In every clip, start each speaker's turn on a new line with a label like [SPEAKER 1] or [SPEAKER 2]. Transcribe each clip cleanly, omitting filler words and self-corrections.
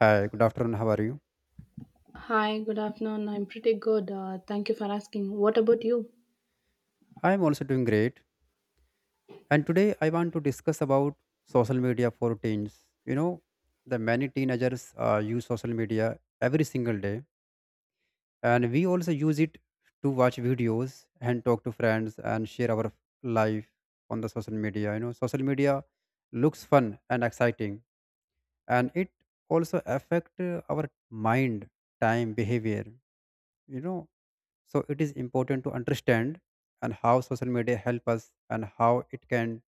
[SPEAKER 1] Hi, good afternoon. How are you?
[SPEAKER 2] Hi, good afternoon. I'm pretty good. Thank you for asking. What about you?
[SPEAKER 1] I am also doing great. And today I want to discuss about social media for teens. You know, the many teenagers use social media every single day, and we also use it to watch videos and talk to friends and share our life on the social media. You know, social media looks fun and exciting, and it also affect our mind, time, behavior. You know, So it is important to understand and how social media help us and how it can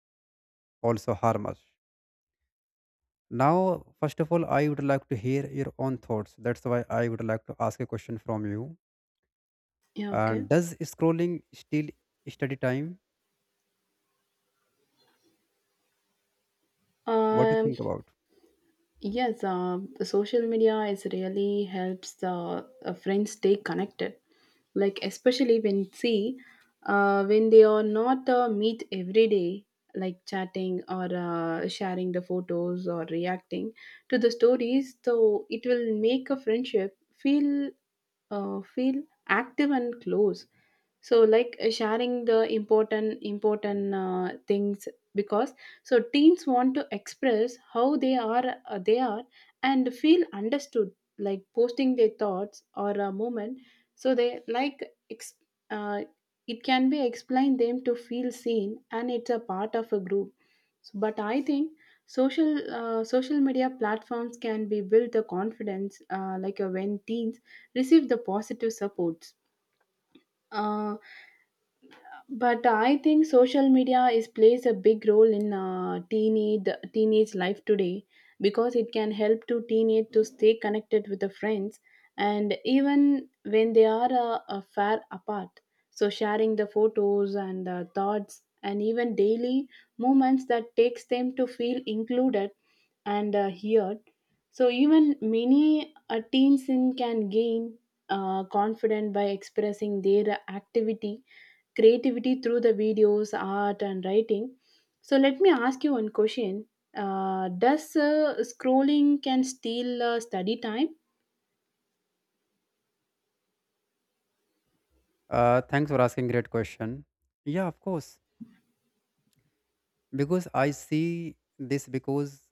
[SPEAKER 1] also harm us. Now, first of all, I would like to hear your own thoughts. That's why I would like to ask a question from you.
[SPEAKER 2] Yeah, okay.
[SPEAKER 1] And does scrolling steal study time? What do you
[SPEAKER 2] Um,
[SPEAKER 1] think about?
[SPEAKER 2] Yes, the social media is really helps the friends stay connected. Like especially when see when they are not meet every day, like chatting or sharing the photos or reacting to the stories. So it will make a friendship feel feel active and close, so like sharing the important things because so teens want to express how they are they are and feel understood, like posting their thoughts or a moment so they like ex- uh, it can be explained them to feel seen and it's a part of a group. So, but I think social social media platforms can be built the confidence, like when teens receive the positive supports. Uh, but I think social media is plays a big role in teenage life today because it can help to teenage to stay connected with the friends and even when they are far apart. So sharing the photos and thoughts and even daily moments that takes them to feel included and heard. So even many teens in can gain confident by expressing their activity creativity through the videos, art, and writing. So let me ask you one question: does scrolling can steal study time?
[SPEAKER 1] Thanks for asking great question. Yeah, of course. Because I see this because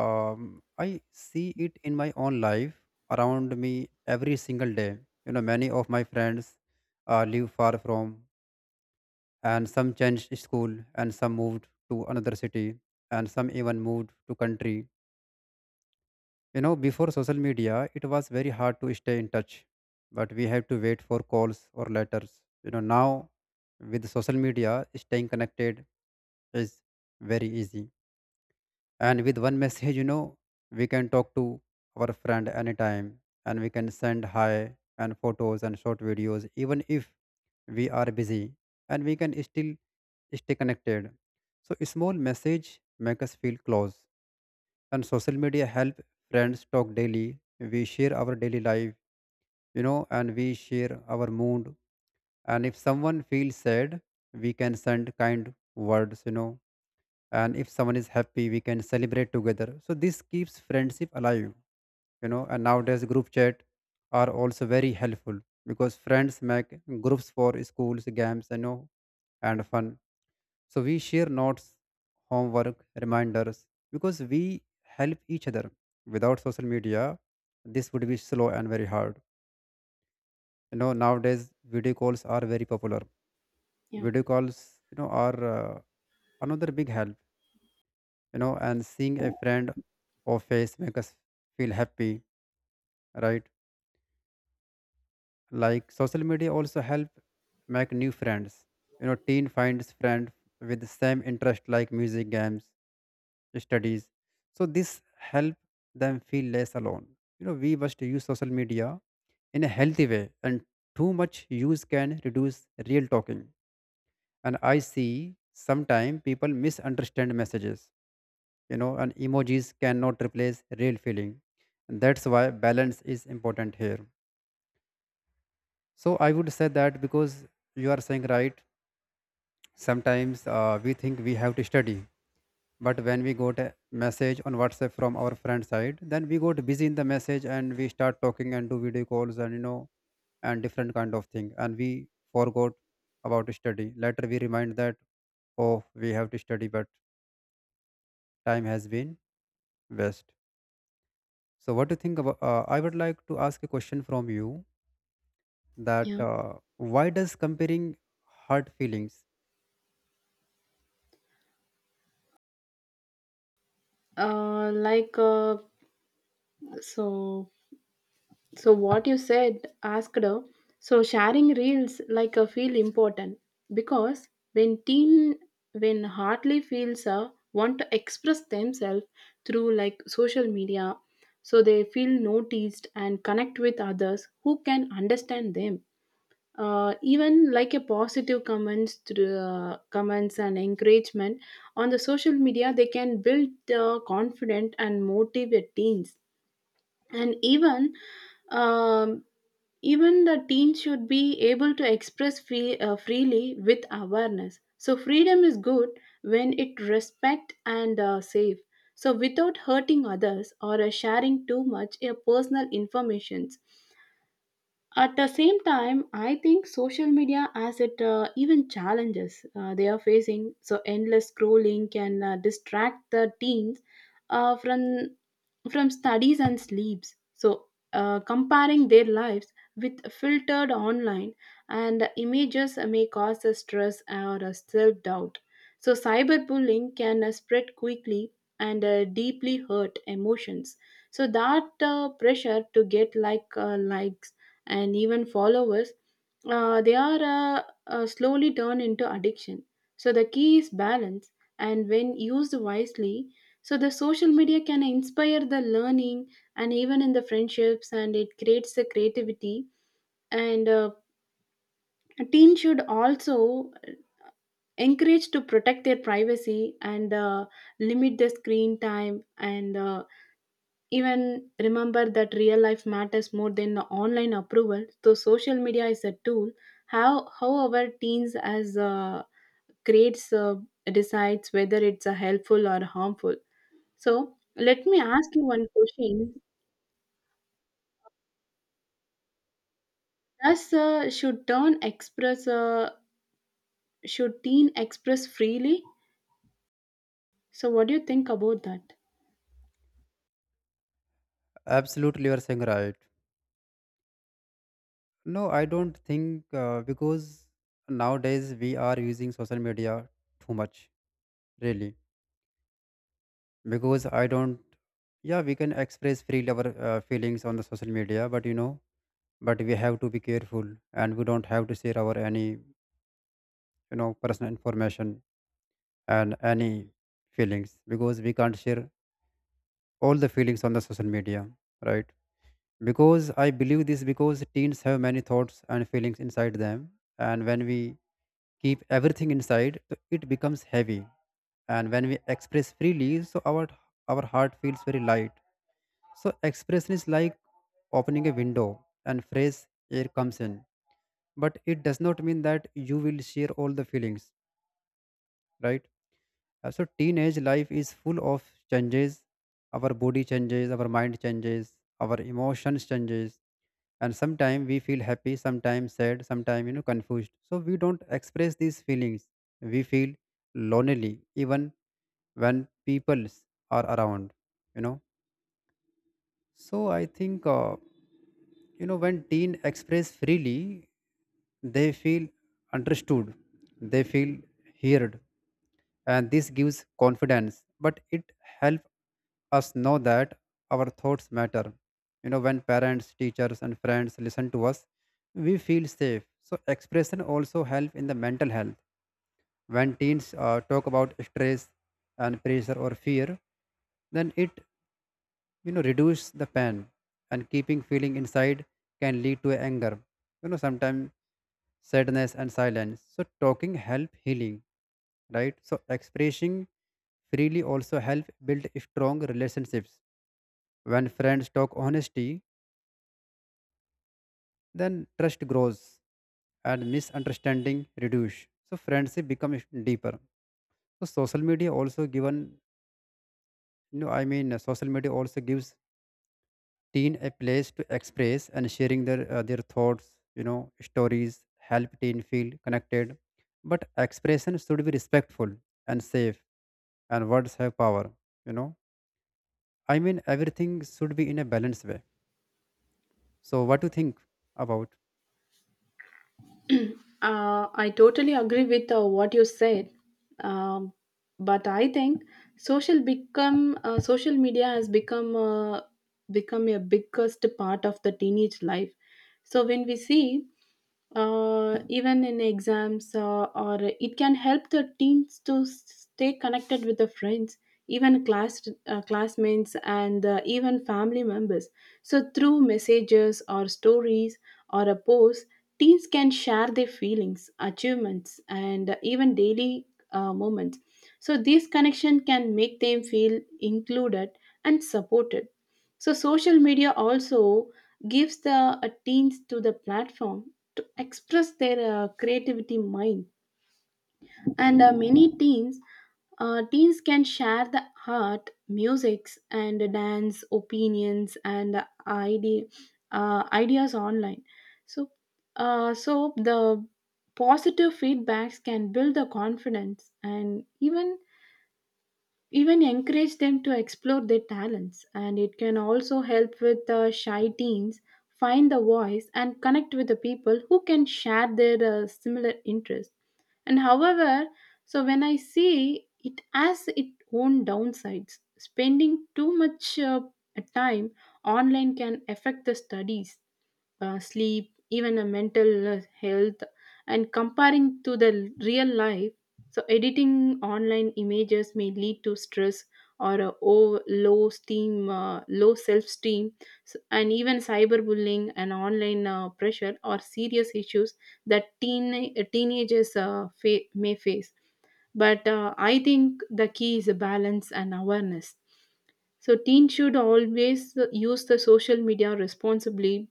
[SPEAKER 1] I see it in my own life around me every single day. You know, many of my friends live far from, and some changed school, and some moved to another city, and some even moved to country. You know, before social media, it was very hard to stay in touch, but we have to wait for calls or letters. You know, now with social media, staying connected is very easy, and with one message, you know, we can talk to our friend anytime, and we can send hi and photos and short videos even if we are busy, and we can still stay connected. So a small message make us feel close, and social media help friends talk daily. We share our daily life, you know, and we share our mood. And if someone feels sad, we can send kind words, you know, and if someone is happy we can celebrate together, so this keeps friendship alive. You know, and nowadays group chat are also very helpful because friends make groups for schools, games, you know, and fun. So we share notes, homework reminders, because we help each other. Without social media this would be slow and very hard. You know, nowadays video calls are very popular.
[SPEAKER 2] Yeah,
[SPEAKER 1] Video calls, you know, are another big help, you know. And seeing a friend or face make us feel happy, right? Like, social media also help make new friends. You know, teen finds friend with the same interest like music, games, studies. So this help them feel less alone. You know, we must use social media in a healthy way, and too much use can reduce real talking. And I see sometimes people misunderstand messages, you know, and emojis cannot replace real feeling. That's why balance is important here. So I would say that, because you are saying right, sometimes we think we have to study, but when we got a message on WhatsApp from our friend side, then we got busy in the message and we start talking and do video calls, and you know, and different kind of thing, and we forgot about study. Later we remind that, oh, we have to study, but time has been waste. So, what do you think about? I would like to ask a question from you, that
[SPEAKER 2] yeah.
[SPEAKER 1] why does comparing hurt feelings?
[SPEAKER 2] Uh, like uh, so. So what you said, asked her. So sharing reels like a feel important because when teen when hardly feels want to express themselves through like social media, so they feel noticed and connect with others who can understand them. Even like a positive comments through comments and encouragement on the social media, they can build confident and motivate teens. And even um, even the teens should be able to express freely with awareness. So freedom is good when it respect and safe. So without hurting others or sharing too much personal informations. At the same time, I think social media as it even challenges they are facing. So endless scrolling can distract the teens uh, from from studies and sleeps. So, comparing their lives with filtered online and images may cause a stress or a self doubt. So, cyberbullying can spread quickly and deeply hurt emotions. So, that pressure to get like likes and even followers they are slowly turned into addiction. So the key is balance, and when used wisely, so the social media can inspire the learning and even in the friendships, and it creates the creativity. And teens should also encourage to protect their privacy and limit the screen time and even remember that real life matters more than the online approval. So social media is a tool. However teens as grades decides whether it's helpful or harmful. So let me ask you one question. Does should teen express freely? So what do you think about that?
[SPEAKER 1] Absolutely, you are saying right. No, I don't think because nowadays we are using social media too much, really. Because I don't, yeah, we can express freely our feelings on the social media, but you know, but we have to be careful, and we don't have to share our any, you know, personal information and any feelings, because we can't share all the feelings on the social media, right? Because I believe this, because teens have many thoughts and feelings inside them, and when we keep everything inside, so it becomes heavy. And when we express freely, so our heart feels very light. So expression is like opening a window and fresh air comes in, but it does not mean that you will share all the feelings, right? So teenage life is full of changes. Our body changes, our mind changes, our emotions changes, and sometimes we feel happy, sometimes sad, sometimes, you know, confused. So we don't express these feelings. We feel lonely even when peoples are around. You know. So I think you know, when teens express freely, they feel understood, they feel heard, and this gives confidence. But it helps us know that our thoughts matter. You know, when parents, teachers, and friends listen to us, we feel safe. So expression also help in the mental health. When teens talk about stress and pressure or fear, then it, you know, reduce the pain. And keeping feeling inside can lead to anger, you know, sometimes sadness and silence. So talking help healing, right? So expressing freely also help build strong relationships. When friends talk honesty, then trust grows and misunderstanding reduce, so friendship becomes deeper. So social media also given, you know, social media also gives teen a place to express and sharing their thoughts, you know. Stories help teen feel connected, but expression should be respectful and safe, and words have power, you know. I mean, everything should be in a balanced way. So what do you think about?
[SPEAKER 2] I totally agree with what you said, um, but I think social media has become become a biggest part of the teenage life. So when we see even in exams or it can help the teens to stay connected with the friends even classmates and even family members, so through messages or stories or a post, teens can share their feelings achievements and even daily moments so this connection can make them feel included and supported. So social media also gives the teens to the platform to express their creativity mind and many teens teens can share the art musics and dance opinions and ideas online. So so the positive feedbacks can build the confidence and even encourage them to explore their talents and it can also help with the shy teens find the voice and connect with the people who can share their similar interests. And however, so when I see, it has its own downsides, spending too much time online can affect the studies, sleep, even a mental health, and comparing to the real life. So, editing online images may lead to stress or a low steam, low self-esteem, and even cyberbullying and online pressure are serious issues that teenagers may face. But I think the key is a balance and awareness. So teens should always use the social media responsibly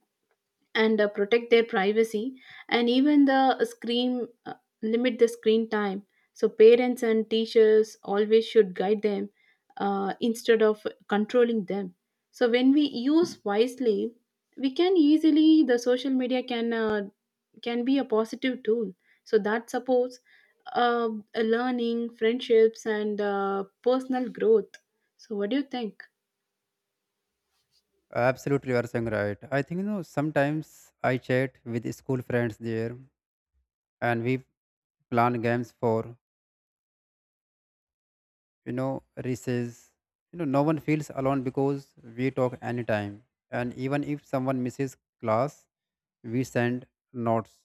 [SPEAKER 2] and protect their privacy and even the screen limit the screen time, so parents and teachers always should guide them instead of controlling them. So when we use wisely, we can easily the social media can be a positive tool so that supports uh, learning friendships and personal growth. So what do you think?
[SPEAKER 1] Absolutely, you are saying right. I think, you know, sometimes I chat with school friends there, and we plan games for, you know, recess. You know, no one feels alone because we talk anytime, and even if someone misses class, we send notes.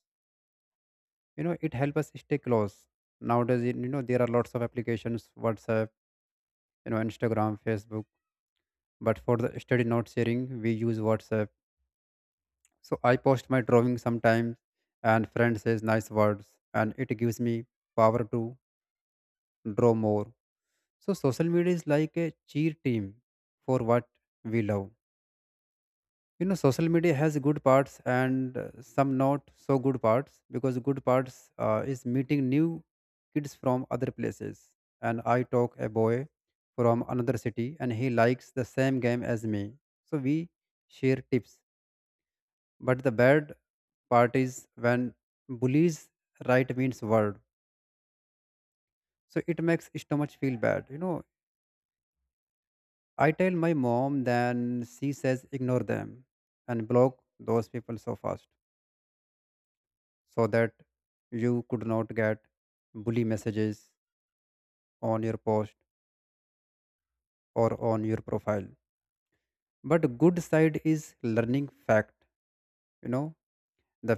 [SPEAKER 1] You know, it helps us stay close. Nowadays, you know, there are lots of applications: WhatsApp, you know, Instagram, Facebook. But for the study note sharing, we use WhatsApp. So I post my drawing sometimes, and friend says nice words, and it gives me power to draw more. So social media is like a cheer team for what we love. You know, social media has good parts and some not so good parts, because good parts is meeting new kids from other places. And I talk a boy from another city, and he likes the same game as me, so we share tips. But the bad part is when bullies write means word, so it makes stomach feel bad, you know. I tell my mom then, she says ignore them and block those people so fast, so that you could not get bully messages on your post or on your profile. But good side is learning fact, you know. the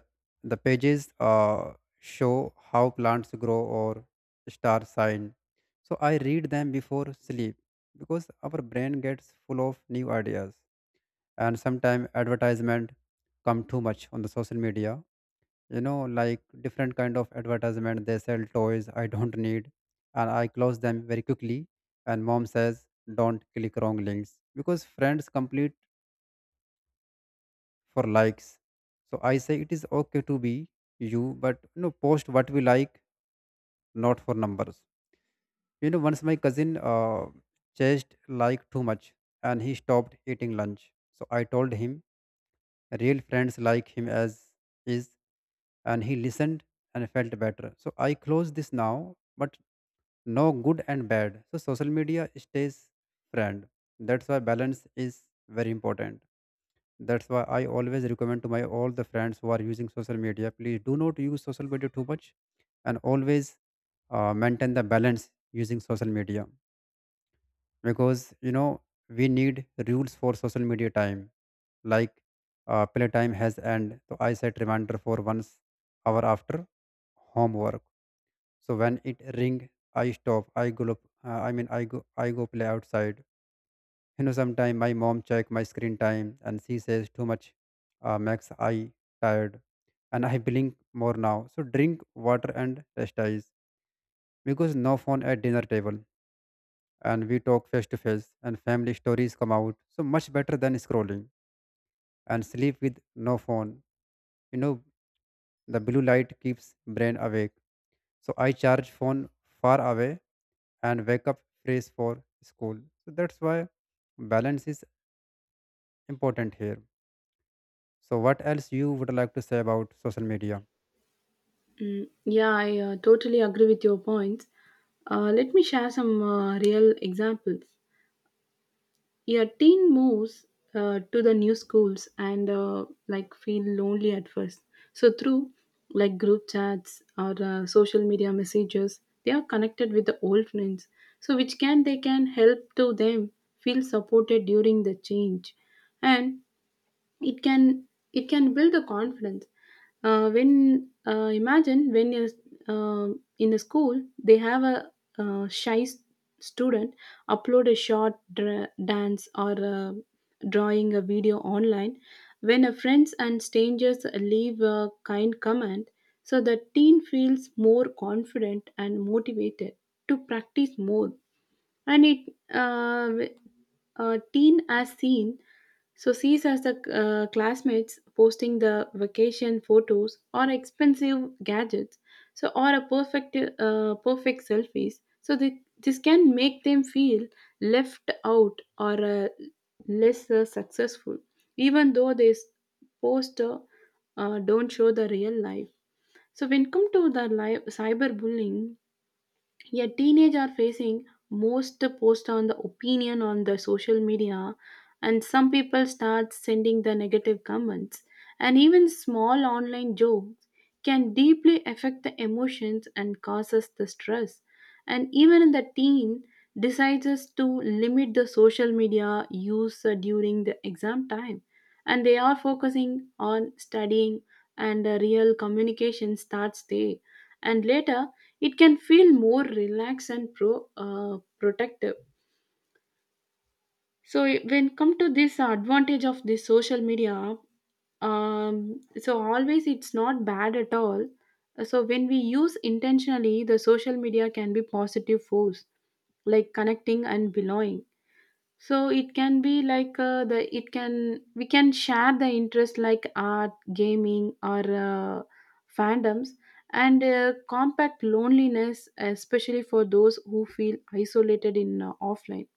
[SPEAKER 1] the pages show how plants grow or star sign, so I read them before sleep, because our brain gets full of new ideas. And sometimes advertisement come too much on the social media, you know, like different kind of advertisement, they sell toys I don't need, and I close them very quickly. And mom says don't click wrong links, because friends complete for likes. So I say it is okay to be you, but you know, post what we like, not for numbers. You know, once my cousin chased like too much, and he stopped eating lunch, so I told him real friends like him as is, and he listened and felt better. So I close this now, but no good and bad. So social media stays friend. That's why balance is very important. That's why I always recommend to my all the friends who are using social media, please do not use social media too much, and always maintain the balance using social media. Because, you know, we need rules for social media time, like play time has end. So I set reminder for once hour after homework, so when it ring, I stop, I go, I go play outside. You know, sometime my mom check my screen time and she says too much, max, I tired, and I blink more now, so drink water and rest eyes. Because no phone at dinner table, and we talk face to face, and family stories come out so much better than scrolling. And sleep with no phone, you know, the blue light keeps brain awake. So I charge phone far away and wake up fresh for school. So that's why balance is important here. So what else you would like to say about social media?
[SPEAKER 2] Mm, yeah, I totally agree with your points. Let me share some real examples. Yeah, teen moves to the new schools and like feel lonely at first. So through like group chats or social media messages, they are connected with the old friends. So which can they can help to them feel supported during the change, and it can it can build a confidence when imagine when you're uh, in a school, they have a uh, shy s- student upload a short dance or drawing a video online. When a friends and strangers leave a kind comment, so the teen feels more confident and motivated to practice more. And it uh, teen as seen so sees as the classmates posting the vacation photos or expensive gadgets so or a perfect selfies, so they, this can make them feel left out or less successful, even though they s- post don't show the real life. So when come to the live cyberbullying, yeah, teenage are facing most post on the opinion on the social media and some people start sending the negative comments and even small online jokes can deeply affect the emotions and causes the stress. And even the teen decides us to limit the social media use during the exam time and they are focusing on studying and real communication starts there, and later it can feel more relaxed and protective. So when come to this advantage of this social media, so always it's not bad at all. So when we use intentionally, the social media can be positive force, like connecting and belonging. So it can be like the it can we can share the interest like art, gaming, or fandoms, and compact loneliness, especially for those who feel isolated in offline.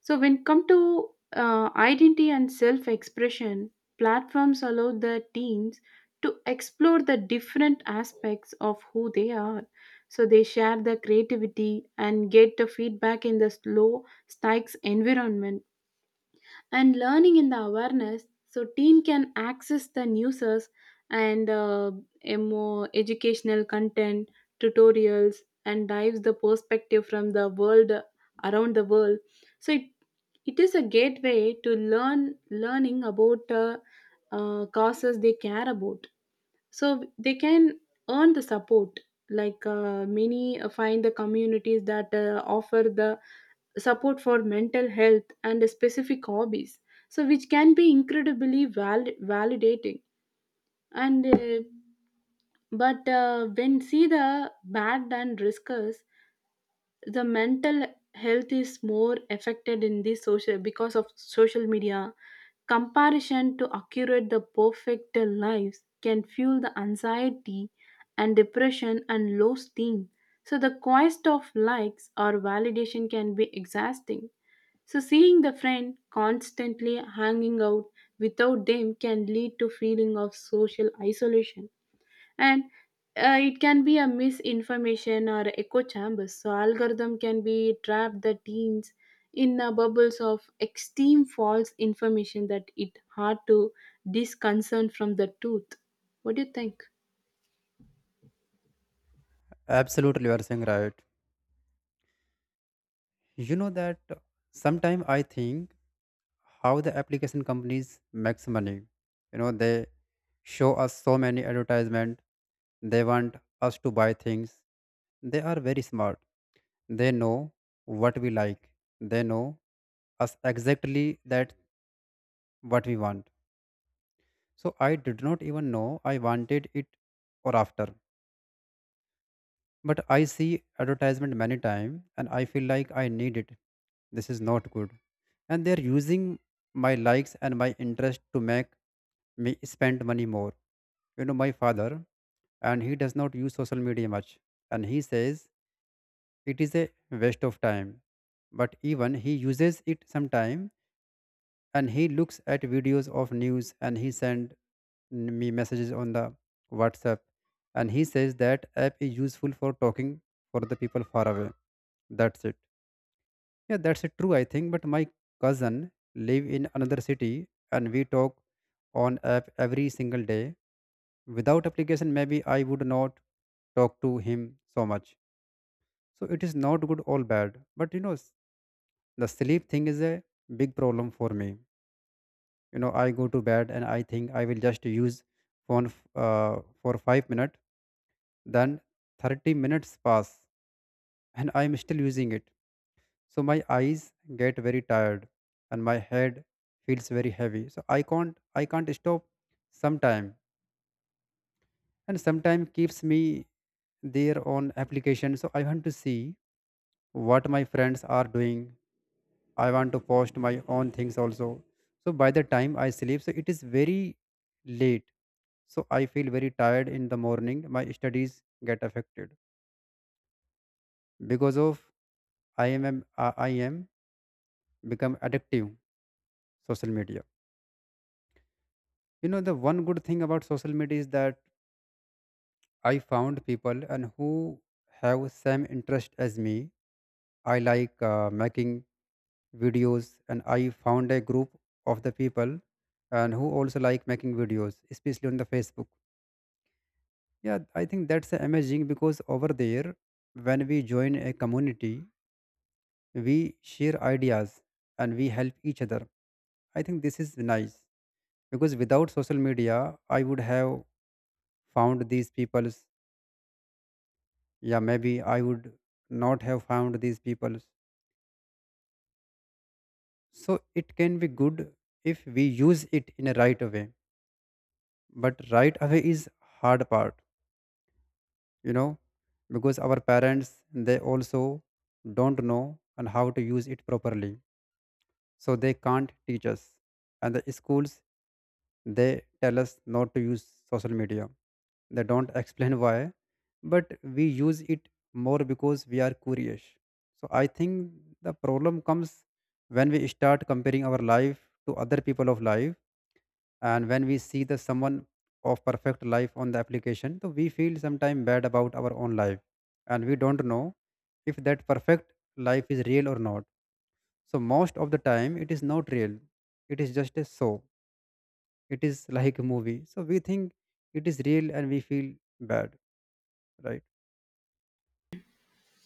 [SPEAKER 2] So when come to identity and self-expression, platforms allow the teens to explore the different aspects of who they are. So they share the creativity and get the feedback in the slow stakes environment and learning in the awareness. So teen can access the newses and more educational content, tutorials, and dives the perspective from the world around the world. So it is a gateway to learning about causes they care about. So they can earn the support, like many find the communities that offer the support for mental health and specific hobbies, so which can be incredibly validating. And uh, but uh, when see the bad and riskers, the mental health is more affected in this social because of social media. Comparison to accurate the perfect lives can fuel the anxiety and depression and low esteem, so the quest of likes or validation can be exhausting. So, seeing the friend constantly hanging out without them can lead to feeling of social isolation, and it can be a misinformation or echo chambers. So, algorithm can be trap the teens in the bubbles of extreme false information that it hard to disconcern from the truth. What do you think?
[SPEAKER 1] Absolutely, you are saying right. You know that sometimes I think how the application companies makes money. You know, they show us so many advertisement. They want us to buy things. They are very smart. They know what we like. They know us exactly that what we want. So I did not even know I wanted it or after. But I see advertisement many time and I feel like I need it. This is not good. And they're using my likes and my interest to make me spend money more. You know, my father, and he does not use social media much, and he says it is a waste of time. But even he uses it sometime, and he looks at videos of news and he send me messages on the WhatsApp, and he says that app is useful for talking for the people far away. That's it. Yeah, that's it. True, I think. But my cousin live in another city, and we talk on app every single day. Without application, maybe I would not talk to him so much. So it is not good or bad. But the sleep thing is a big problem for me. You know, I go to bed and I think I will just use phone for 5 minutes. Then 30 minutes pass and I am still using it. So my eyes get very tired and my head feels very heavy. So I can't stop sometime, and sometime keeps me there on application. So I want to see what my friends are doing. I want to post my own things also. So by the time I sleep, so it is very late. So I feel very tired in the morning. My studies get affected because of I am become addictive social media. You know, the one good thing about social media is that I found people and who have same interest as me. I like making videos, and I found a group of the people and who also like making videos, especially on the Facebook. Yeah, I think that's amazing because over there when we join a community, we share ideas and we help each other. I think this is nice because without social media, I would have found these peoples. Yeah, maybe I would not have found these peoples. So it can be good if we use it in a right way, but right away is hard part. You know, because our parents, they also don't know and how to use it properly, so they can't teach us. And the schools, they tell us not to use social media. They don't explain why, but we use it more because we are curious. So I think the problem comes when we start comparing our life to other people of life, and when we see the someone of perfect life on the application, so we feel sometimes bad about our own life, and we don't know if that perfect life is real or not. So most of the time it is not real. It is just a show, it is like a movie, so we think it is real and we feel bad. Right.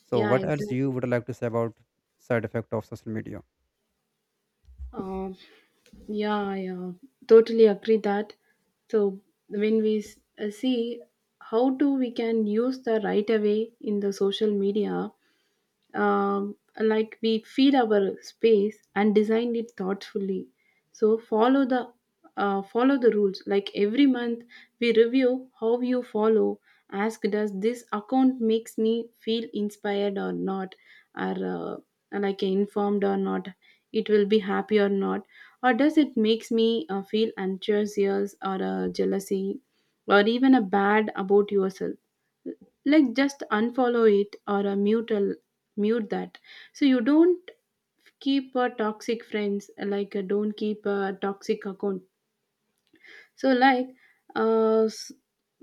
[SPEAKER 1] So
[SPEAKER 2] Yeah,
[SPEAKER 1] what else you
[SPEAKER 2] exactly.
[SPEAKER 1] would like to say about side effect of social media?
[SPEAKER 2] Um, Yeah, yeah, totally agree that. So when see how do we can use the right away in the social media, like we feed our space and design it thoughtfully, so follow the follow the rules. Like every month we review how you follow, ask does this account makes me feel inspired or not, or like informed or not, it will be happy or not, or does it makes me feel anxious or jealousy or even a bad about yourself, like just unfollow it or a mute that, so you don't keep a toxic friends, like don't keep a toxic account. So, like, uh, s-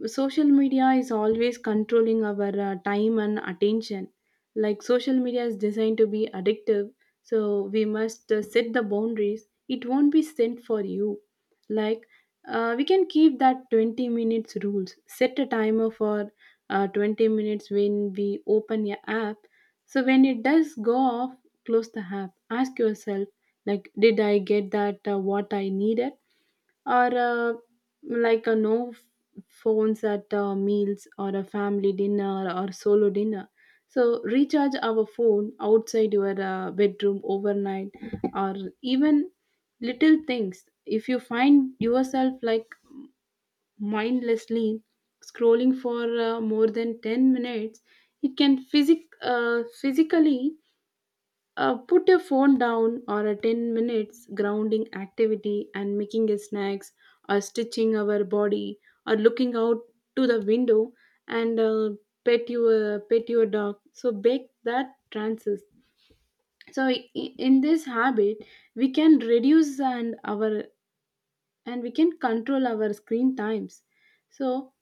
[SPEAKER 2] social media is always controlling our time and attention. Like, social media is designed to be addictive, so we must set the boundaries. It won't be sent for you. Like, we can keep that 20 minutes rules. Set a timer for 20 minutes when we open your app. So, when it does go off, close the app. Ask yourself, like, did I get that what I needed? Or like a no phones at meals or a family dinner or solo dinner, so recharge our phone outside your bedroom overnight. Or even little things, if you find yourself like mindlessly scrolling for more than 10 minutes, it can physically put your phone down or a 10 minutes grounding activity and making a snacks or stitching our body or looking out to the window and pet your dog, so bake that trances. So in this habit we can reduce and our and we can control our screen times. So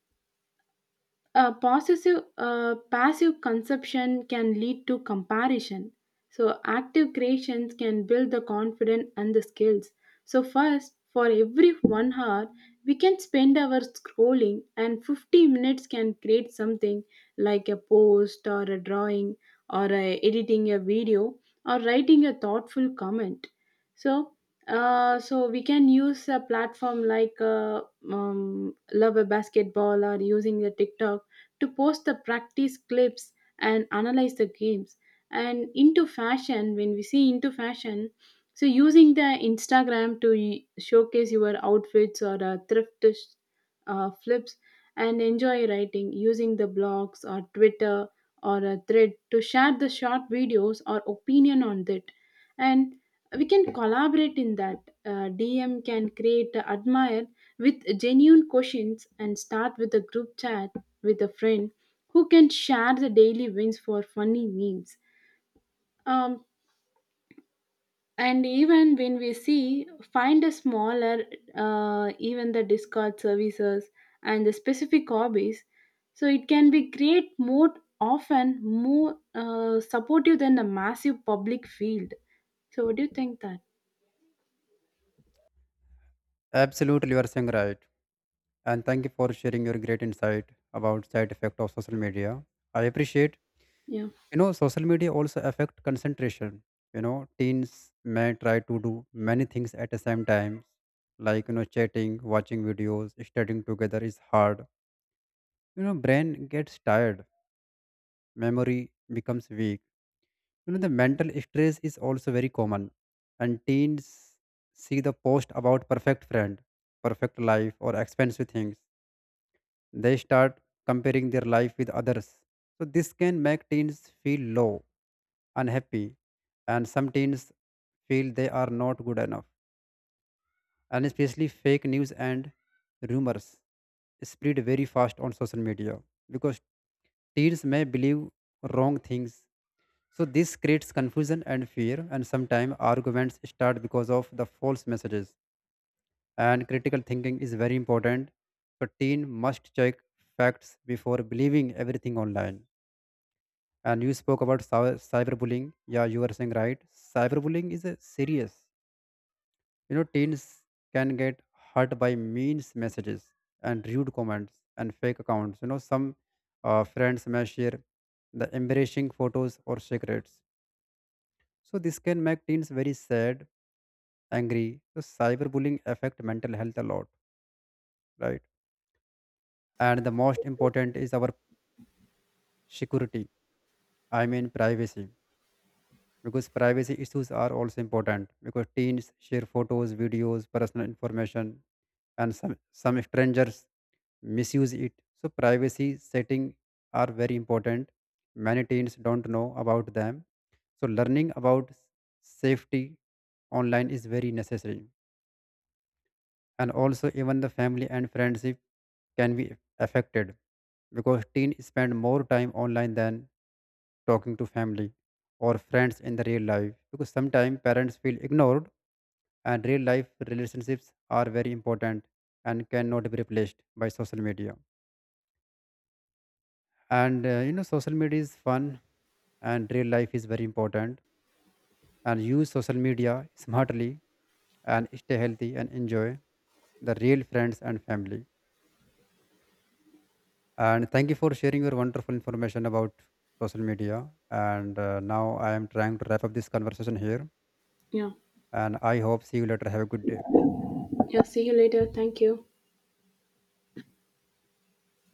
[SPEAKER 2] a possessive passive consumption can lead to comparison, so active creations can build the confidence and the skills. So first for every 1 hour we can spend our scrolling and 50 minutes can create something, like a post or a drawing or a, editing a video or writing a thoughtful comment. So so we can use a platform like love a basketball or using the TikTok to post the practice clips and analyze the games, and into fashion, when we see into fashion, so using the Instagram to showcase your outfits or flips, and enjoy writing using the blogs or Twitter or a thread to share the short videos or opinion on that. And we can collaborate in that. DM can create a admire with genuine questions and start with a group chat with a friend who can share the daily wins for funny memes. Um, and even when we see, find a smaller, even the Discord services and the specific hobbies, so it can be create more often more supportive than the massive public field. So what do you think that?
[SPEAKER 1] Absolutely, you are saying right, and thank you for sharing your great insight about side effect of social media. I appreciate.
[SPEAKER 2] Yeah,
[SPEAKER 1] You know, social media also affect concentration. You know, teens may try to do many things at the same time, like, you know, chatting, watching videos, studying together is hard. You know, brain gets tired, memory becomes weak. You know, the mental stress is also very common. And teens see the post about perfect friend, perfect life or expensive things. They start comparing their life with others. So this can make teens feel low, unhappy, and some teens feel they are not good enough. And especially fake news and rumors spread very fast on social media, because teens may believe wrong things. So this creates confusion and fear, and sometimes arguments start because of the false messages. And critical thinking is very important. So teen must check facts before believing everything online. And you spoke about cyberbullying. Yeah, you were saying right. Cyberbullying is a serious. You know, teens can get hurt by means messages and rude comments and fake accounts. You know, some friends may share the embarrassing photos or secrets. So this can make teens very sad, angry. So cyberbullying affect mental health a lot, right? And the most important is our security. I mean privacy, because privacy issues are also important because teens share photos, videos, personal information, and some strangers misuse it. So privacy setting are very important. Many teens don't know about them. So learning about safety online is very necessary. And also even the family and friendship can be affected because teens spend more time online than talking to family or friends in the real life, because sometimes parents feel ignored. And real life relationships are very important and cannot be replaced by social media. And you know, social media is fun and real life is very important, and use social media smartly and stay healthy and enjoy the real friends and family. And thank you for sharing your wonderful information about social media. And now I am trying to wrap up this conversation here.
[SPEAKER 2] yeah,
[SPEAKER 1] And I hope see you later. Have a good day.
[SPEAKER 2] yeah. See you later. Thank you.